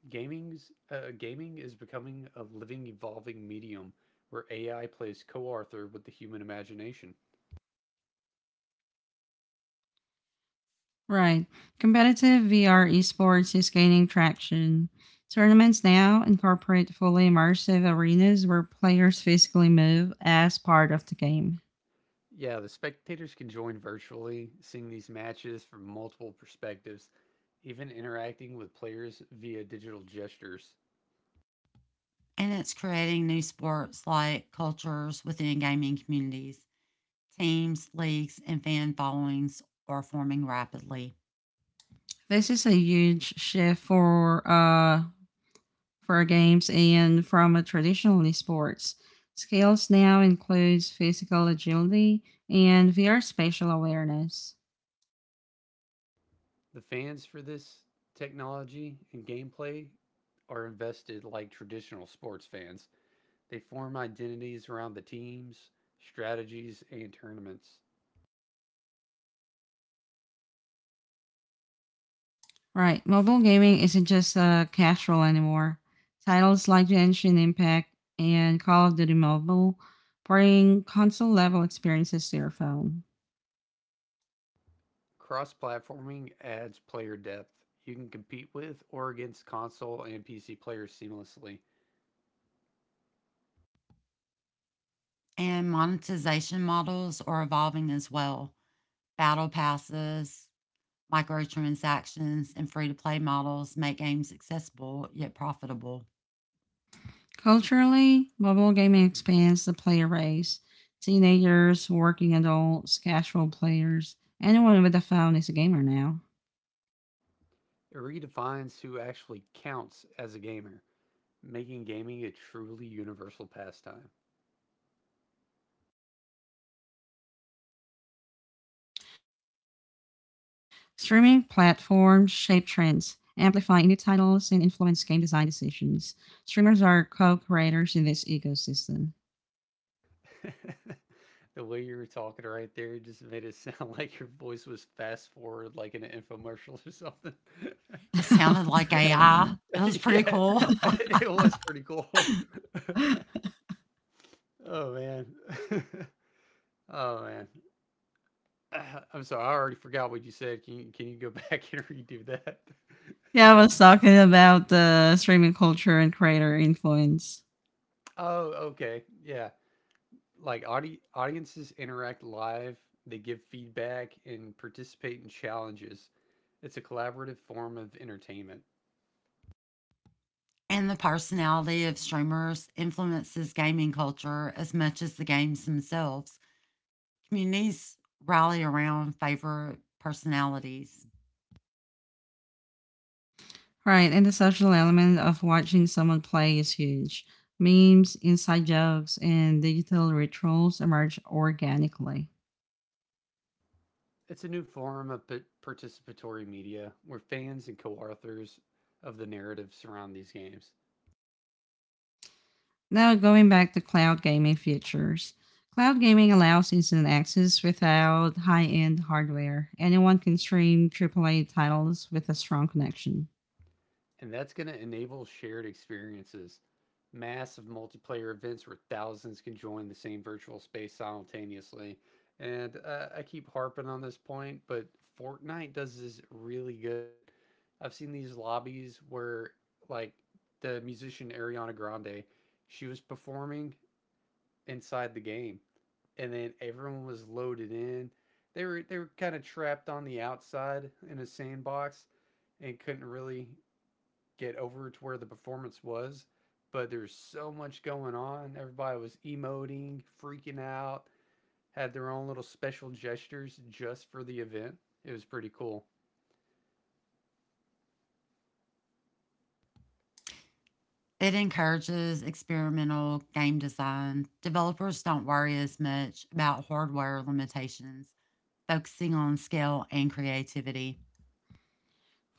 Speaker 2: Gaming is becoming a living, evolving medium where AI plays co-author with the human imagination.
Speaker 1: Right. Competitive VR esports is gaining traction. Tournaments now incorporate fully immersive arenas where players physically move as part of the game.
Speaker 2: Yeah, the spectators can join virtually, seeing these matches from multiple perspectives, even interacting with players via digital gestures.
Speaker 3: And it's creating new sports like cultures within gaming communities. Teams, leagues, and fan followings are forming rapidly.
Speaker 1: This is a huge shift for games and from a traditional sports. Skills now includes physical agility and VR spatial awareness.
Speaker 2: The fans for this technology and gameplay are invested like traditional sports fans. They form identities around the teams, strategies, and tournaments.
Speaker 1: Right, mobile gaming isn't just casual anymore. Titles like The Ancient Impact and Call of Duty Mobile bring console level experiences to your phone.
Speaker 2: Cross platforming adds player depth. You can compete with or against console and PC players seamlessly.
Speaker 3: And monetization models are evolving as well. Battle passes, microtransactions and free to play models make games accessible yet profitable.
Speaker 1: Culturally, mobile gaming expands the player base. Teenagers, working adults, casual players, anyone with a phone is a gamer now.
Speaker 2: It redefines who actually counts as a gamer, making gaming a truly universal pastime.
Speaker 1: Streaming platforms shape trends, amplify indie titles, and influence game design decisions. Streamers are co creators in this ecosystem.
Speaker 2: The way you were talking right there just made it sound like your voice was fast forward like in an infomercial or something.
Speaker 3: It
Speaker 1: Oh
Speaker 3: sounded
Speaker 1: my
Speaker 3: like
Speaker 1: god,
Speaker 3: AI.
Speaker 1: really.
Speaker 3: It was pretty
Speaker 2: Yeah,
Speaker 3: cool.
Speaker 2: it was pretty cool. Oh man. Oh man. I'm sorry, I already forgot what you said. Can you go back and redo that?
Speaker 1: Yeah, I was talking about the streaming culture and creator influence.
Speaker 2: Oh, okay. Yeah. Like audiences interact live, they give feedback and participate in challenges. It's a collaborative form of entertainment.
Speaker 3: And the personality of streamers influences gaming culture as much as the games themselves. Communities rally around favorite personalities.
Speaker 1: Right, and the social element of watching someone play is huge. Memes, inside jokes, and digital rituals emerge organically.
Speaker 2: It's a new form of participatory media where fans and co authors of the narrative surround these games.
Speaker 1: Now, going back to cloud gaming features, cloud gaming allows instant access without high end hardware. Anyone can stream AAA titles with a strong connection.
Speaker 2: And that's going to enable shared experiences, massive multiplayer events where thousands can join the same virtual space simultaneously. And I keep harping on this point, but Fortnite does this really good. I've seen these lobbies where, like, the musician Ariana Grande, she was performing inside the game, and then everyone was loaded in. They were kind of trapped on the outside in a sandbox, and couldn't really get over to where the performance was. But there's so much going on. Everybody was emoting, freaking out, had their own little special gestures just for the event. It was pretty cool.
Speaker 3: It encourages experimental game design. Developers don't worry as much about hardware limitations, focusing on scale and creativity.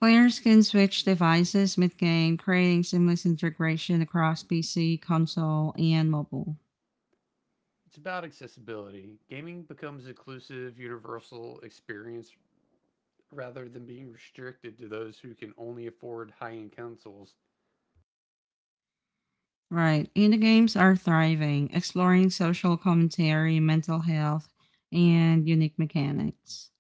Speaker 1: Players can switch devices mid game, creating seamless integration across PC, console, and mobile.
Speaker 2: It's about accessibility. Gaming becomes an inclusive, universal experience rather than being restricted to those who can only afford high-end consoles.
Speaker 1: Right, indie games are thriving, exploring social commentary, mental health, and unique mechanics.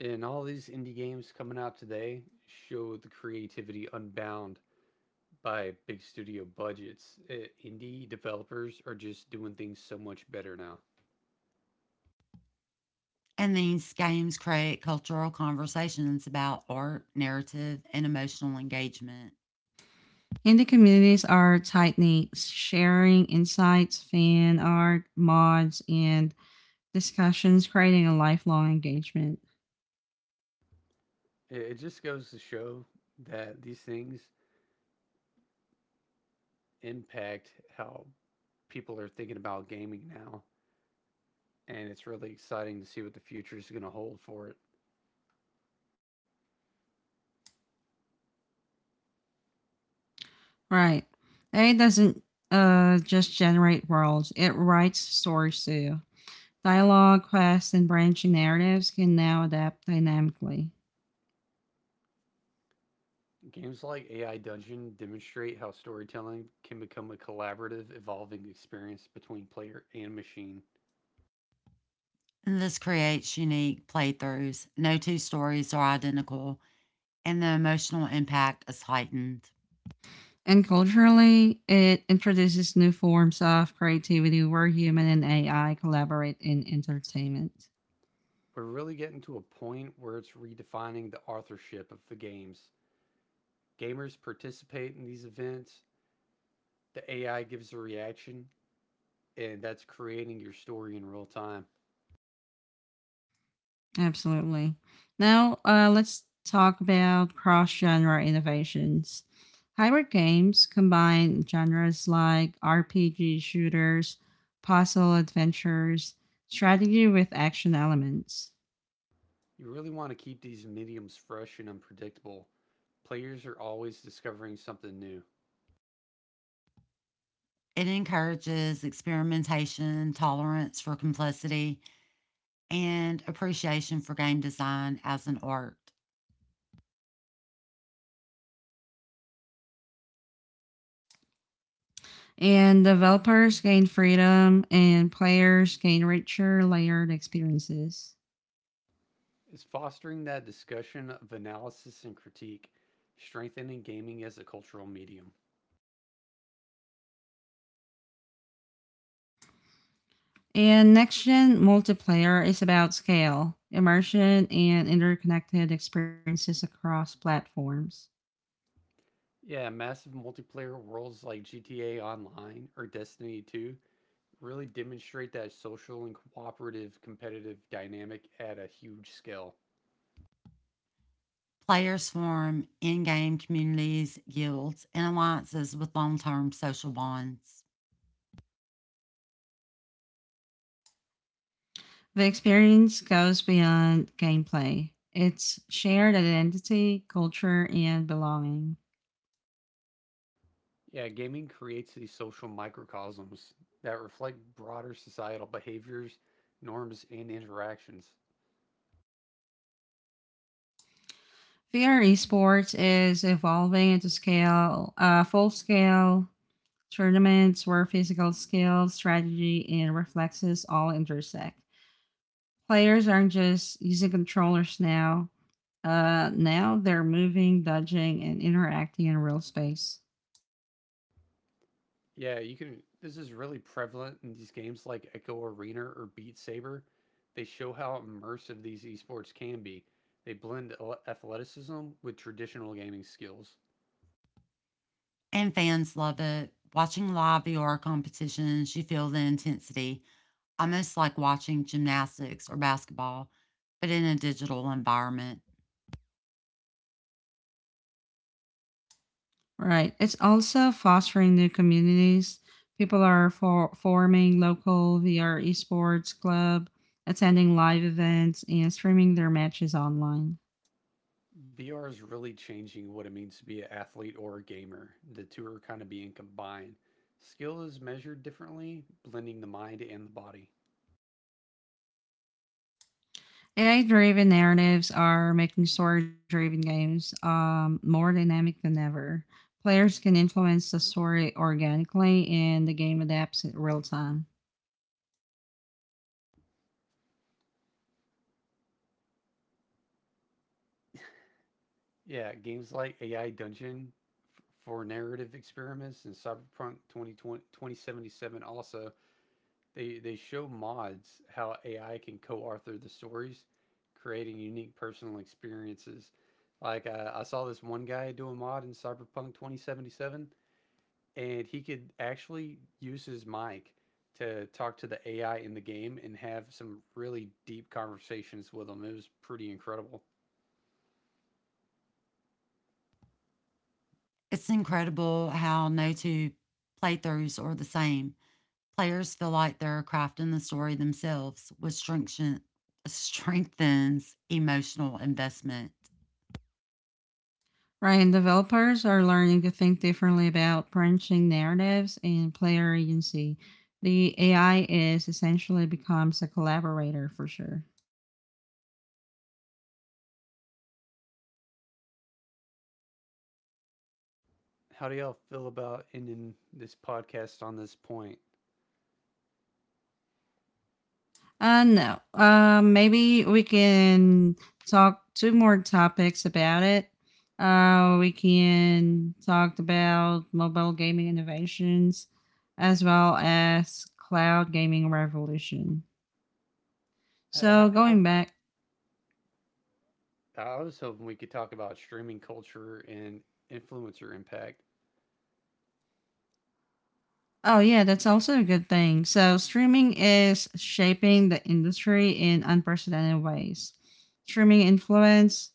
Speaker 2: And all these indie games coming out today show the creativity unbound by big studio budgets. Indie developers are just doing things so much better now.
Speaker 3: And these games create cultural conversations about art, narrative, and emotional engagement.
Speaker 1: Indie communities are tight knit, sharing insights, fan art, mods, and discussions, creating a lifelong engagement.
Speaker 2: It just goes to show that these things impact how people are thinking about gaming now. And it's really exciting to see what the future is going to hold for it.
Speaker 1: Right. A I doesn't just generate worlds, it writes stories too. Dialogue, quests, and branching narratives can now adapt dynamically.
Speaker 2: Games like AI Dungeon demonstrate how storytelling can become a collaborative, evolving experience between player and machine.
Speaker 3: And this creates unique playthroughs. No two stories are identical, and the emotional impact is heightened.
Speaker 1: And culturally, it introduces new forms of creativity where human and AI collaborate in entertainment.
Speaker 2: We're really getting to a point where it's redefining the authorship of the games. Gamers participate in these events, the AI gives a reaction, and that's creating your story in real time.
Speaker 1: Absolutely. Now, let's talk about cross genre innovations. Hybrid games combine genres like RPG shooters, puzzle adventures, strategy with action elements.
Speaker 2: You really want to keep these mediums fresh and unpredictable. Players are always discovering something new.
Speaker 3: It encourages experimentation, tolerance for complexity, and appreciation for game design as an art.
Speaker 1: And developers gain freedom, and players gain richer, layered experiences.
Speaker 2: It's fostering that discussion of analysis and critique, strengthening gaming as a cultural medium.
Speaker 1: And next gen multiplayer is about scale, immersion, and interconnected experiences across platforms.
Speaker 2: Yeah, massive multiplayer worlds like GTA Online or Destiny 2 really demonstrate that social and cooperative competitive dynamic at a huge scale.
Speaker 3: Players form in game communities, guilds, and alliances with long term social bonds.
Speaker 1: The experience goes beyond gameplay, it's shared identity, culture, and belonging.
Speaker 2: Yeah, gaming creates these social microcosms that reflect broader societal behaviors, norms, and interactions.
Speaker 1: VR esports is evolving into scale, full scale tournaments where physical skills, strategy, and reflexes all intersect. Players aren't just using controllers now. Now they're moving, dodging, and interacting in real space.
Speaker 2: Yeah, you can. This is really prevalent in these games like Echo Arena or Beat Saber. They show how immersive these esports can be. They blend athleticism with traditional gaming skills.
Speaker 3: And fans love it. Watching live VR competitions, you feel the intensity, almost like watching gymnastics or basketball, but in a digital environment.
Speaker 1: Right. It's also fostering new communities. People are forming local VR esports club, attending live events, and streaming their matches online.
Speaker 2: VR is really changing what it means to be an athlete or a gamer. The two are kind of being combined. Skill is measured differently, blending the mind and the body.
Speaker 1: AI driven narratives are making story driven games more dynamic than ever. Players can influence the story organically and the game adapts in real time.
Speaker 2: Yeah, games like AI Dungeon for narrative experiments and Cyberpunk 2020, 2077 also, they show mods how AI can co-author the stories, creating unique personal experiences. Like I saw this one guy do a mod in Cyberpunk 2077 and he could actually use his mic to talk to the AI in the game and have some really deep conversations with them. It was pretty incredible.
Speaker 3: It's incredible how no two playthroughs are the same. Players feel like they're crafting the story themselves, which strengthens emotional investment.
Speaker 1: Right, and developers are learning to think differently about branching narratives and player agency. The AI is essentially becomes a collaborator for sure.
Speaker 2: How do y'all feel about ending this podcast on this point?
Speaker 1: No. Maybe we can talk two more topics about it. We can talk about mobile gaming innovations as well as cloud gaming revolution. So,
Speaker 2: How,
Speaker 1: going back,
Speaker 2: I was hoping we could talk about streaming culture and influencer impact.
Speaker 1: oh, yeah, that's also a good thing. So, streaming is shaping the industry in unprecedented ways. Streaming influence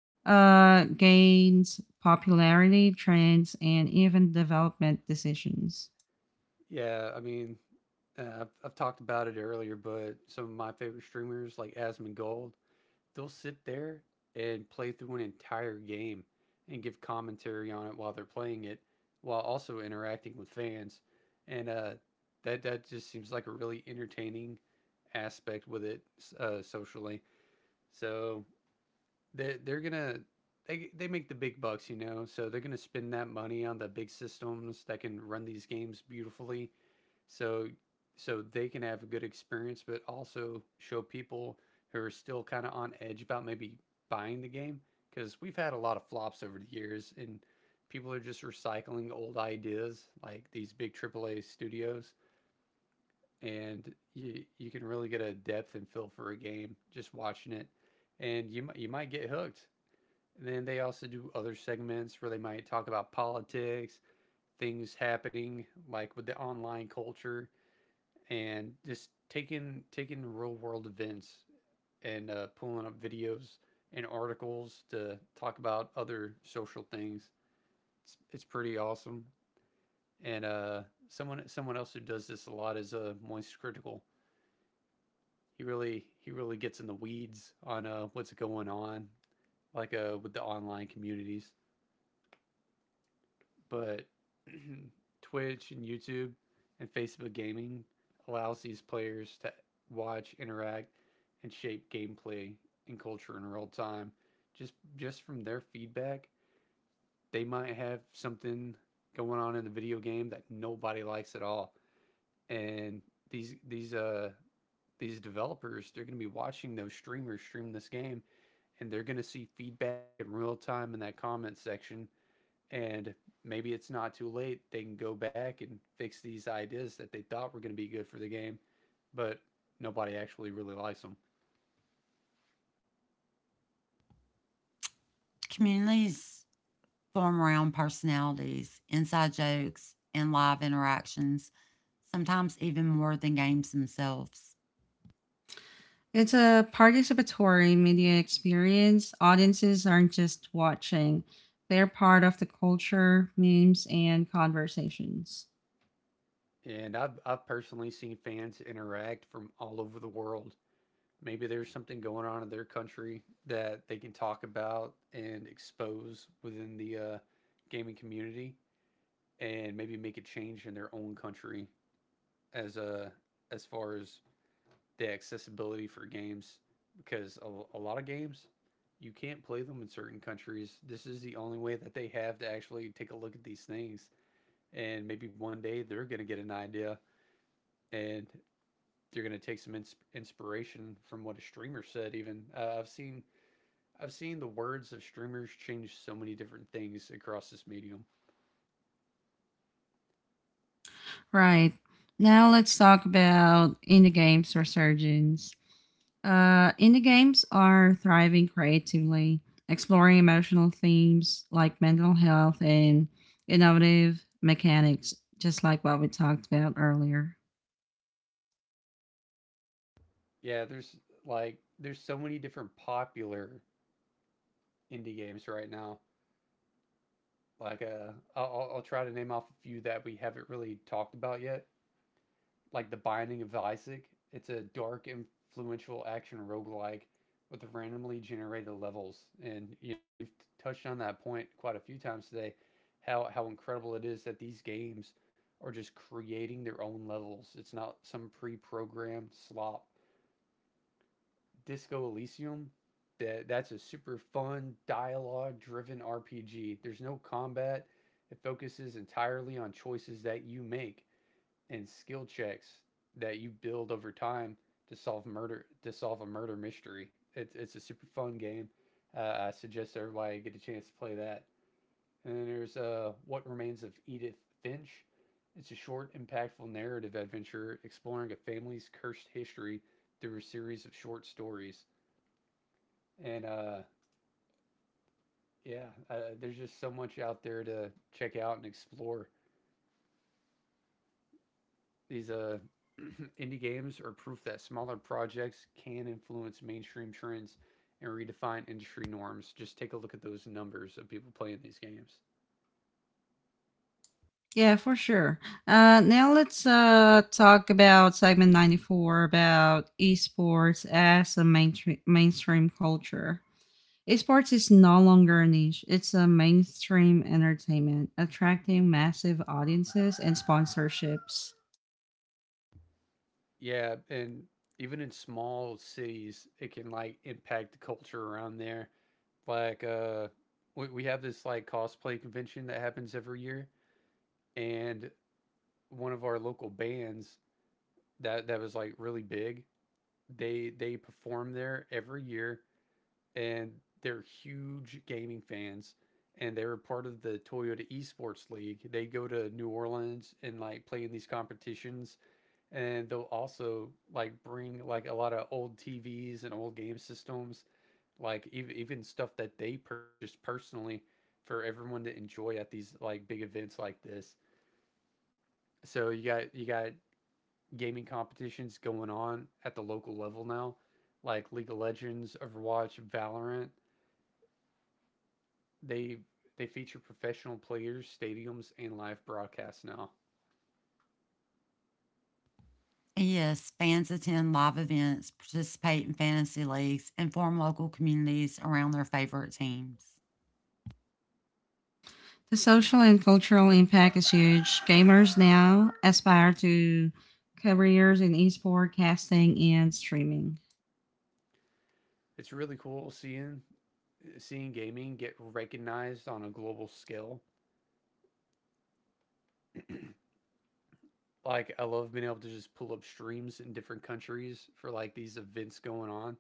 Speaker 1: gains, popularity, trends, and even development decisions.
Speaker 2: Yeah, I mean, I've talked about it earlier, but some of my favorite streamers like Asmongold, they'll sit there and play through an entire game and give commentary on it while they're playing it, while also interacting with fans, and that just seems like a really entertaining aspect with it socially. So they they're gonna they make the big bucks, you know. So they're gonna spend that money on the big systems that can run these games beautifully, so so they can have a good experience but also show people who are still kind of on edge about maybe buying the game because we've had a lot of flops over the years, and people are just recycling old ideas like these big AAA studios. And you can really get a depth and feel for a game just watching it, and you might get hooked. And then they also do other segments where they might talk about politics, things happening like with the online culture, and just taking real world events and pulling up videos and articles to talk about other social things. It's pretty awesome. And someone someone else who does this a lot is Moist Critical. He really gets in the weeds on what's going on, like with the online communities. But Twitch and YouTube and Facebook gaming allows these players to watch, interact, and shape gameplay and culture in real time. Just from their feedback, they might have something going on in the video game that nobody likes at all. And these these uh these developers, they're going to be watching those streamers stream this game, and they're going to see feedback in real time in that comment section, and maybe it's not too late. They can go back and fix these ideas that they thought were going to be good for the game, but nobody actually really likes them.
Speaker 3: Communities form around personalities, inside jokes, and live interactions, sometimes even more than games themselves.
Speaker 1: It's a participatory media experience. Audiences aren't just watching, they're part of the culture, memes, and conversations.
Speaker 2: And I've personally seen fans interact from all over the world. Maybe there's something going on in their country that they can talk about and expose within the gaming community, and maybe make a change in their own country as a as far as the accessibility for games, because a lot of games you can't play them in certain countries. This is the only way that they have to actually take a look at these things. And maybe one day they're going to get an idea, and they're going to take some inspiration from what a streamer said. Even I've seen the words of streamers change so many different things across this medium.
Speaker 1: Right. Now let's talk about indie games resurgence. Indie games are thriving creatively, exploring emotional themes like mental health and innovative mechanics, just like what we talked about earlier.
Speaker 2: Yeah, there's like there's so many different popular indie games right now. Like, I'll try to name off a few that we haven't really talked about yet. Like The Binding of Isaac. It's a dark, influential action roguelike with randomly generated levels. And, you know, we've touched on that point quite a few times today, how incredible it is that these games are just creating their own levels. It's not some pre programmed slop. Disco Elysium. That's a super fun dialogue-driven RPG. There's no combat. It focuses entirely on choices that you make and skill checks that you build over time to solve a murder mystery. It's a super fun game. I suggest everybody get a chance to play that. And then there's What Remains of Edith Finch. It's a short, impactful narrative adventure exploring a family's cursed history through a series of short stories, and yeah, uh, there's just so much out there to check out and explore. These indie games are proof that smaller projects can influence mainstream trends and redefine industry norms. Just take a look at those numbers of people playing these games.
Speaker 1: Yeah, for sure. Now let's talk about segment 94 about esports as a mainstream culture. Esports is no longer a niche, it's a mainstream entertainment, attracting massive audiences and sponsorships.
Speaker 2: Yeah, and even in small cities, it can like impact the culture around there. Like we have this like cosplay convention that happens every year, and one of our local bands that was like really big. They perform there every year, and they're huge gaming fans. And they were part of the Toyota Esports League. They go to New Orleans and like play in these competitions, and they'll also like bring like a lot of old TVs and old game systems, like even stuff that they purchased personally for everyone to enjoy at these like big events like this. So you got gaming competitions going on at the local level now, like League of Legends, Overwatch, Valorant. They they feature professional players, stadiums, and live broadcasts now.
Speaker 3: And yes, fans attend live events, participate in fantasy leagues, and form local communities around their favorite teams.
Speaker 1: The social and cultural impact is huge. Gamers now aspire to careers in esports, casting, and streaming.
Speaker 2: It's really cool seeing gaming get recognized on a global scale. Like I love being able to just pull up streams in different countries for like these events going on,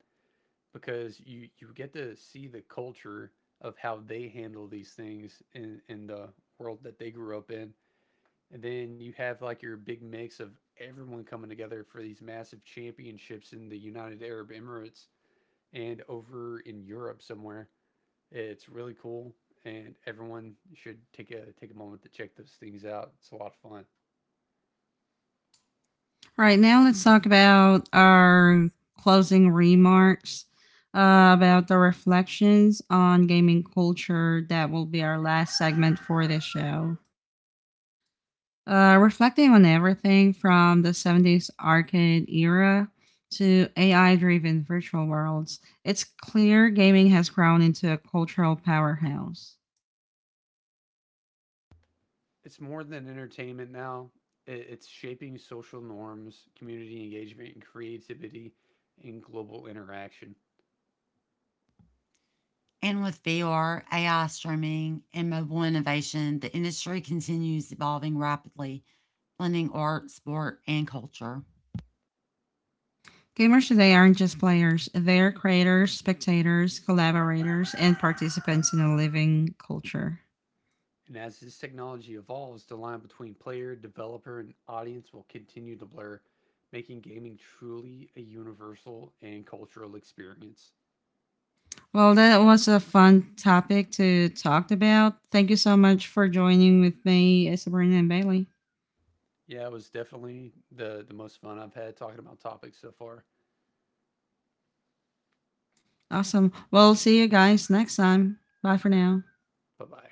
Speaker 2: because you get to see the culture of how they handle these things in the world that they grew up in. And then you have like your big mix of everyone coming together for these massive championships in the United Arab Emirates and over in Europe somewhere. It's really cool, and everyone should take a moment to check those things out. It's a lot of fun.
Speaker 1: All right, now let's talk about our closing remarks about the reflections on gaming culture. That will be our last segment for this show. Reflecting on everything from the 70s arcade era to AI driven virtual worlds, it's clear gaming has grown into a cultural powerhouse.
Speaker 2: It's more than entertainment now. It's shaping social norms, community engagement, and creativity and global interaction.
Speaker 3: And with VR, AI streaming, and mobile innovation, the industry continues evolving rapidly, blending art, sport, and culture.
Speaker 1: Gamers today aren't just players, they're creators, spectators, collaborators, and participants in a living culture.
Speaker 2: And as this technology evolves, the line between player, developer, and audience will continue to blur, making gaming truly a universal and cultural experience.
Speaker 1: Well, that was a fun topic to talk about. Thank you so much for joining with me, Sabrina and Bailey.
Speaker 2: Yeah, it was definitely the most fun I've had talking about topics so far.
Speaker 1: Awesome. Well, see you guys next time. Bye for now.
Speaker 2: Bye bye.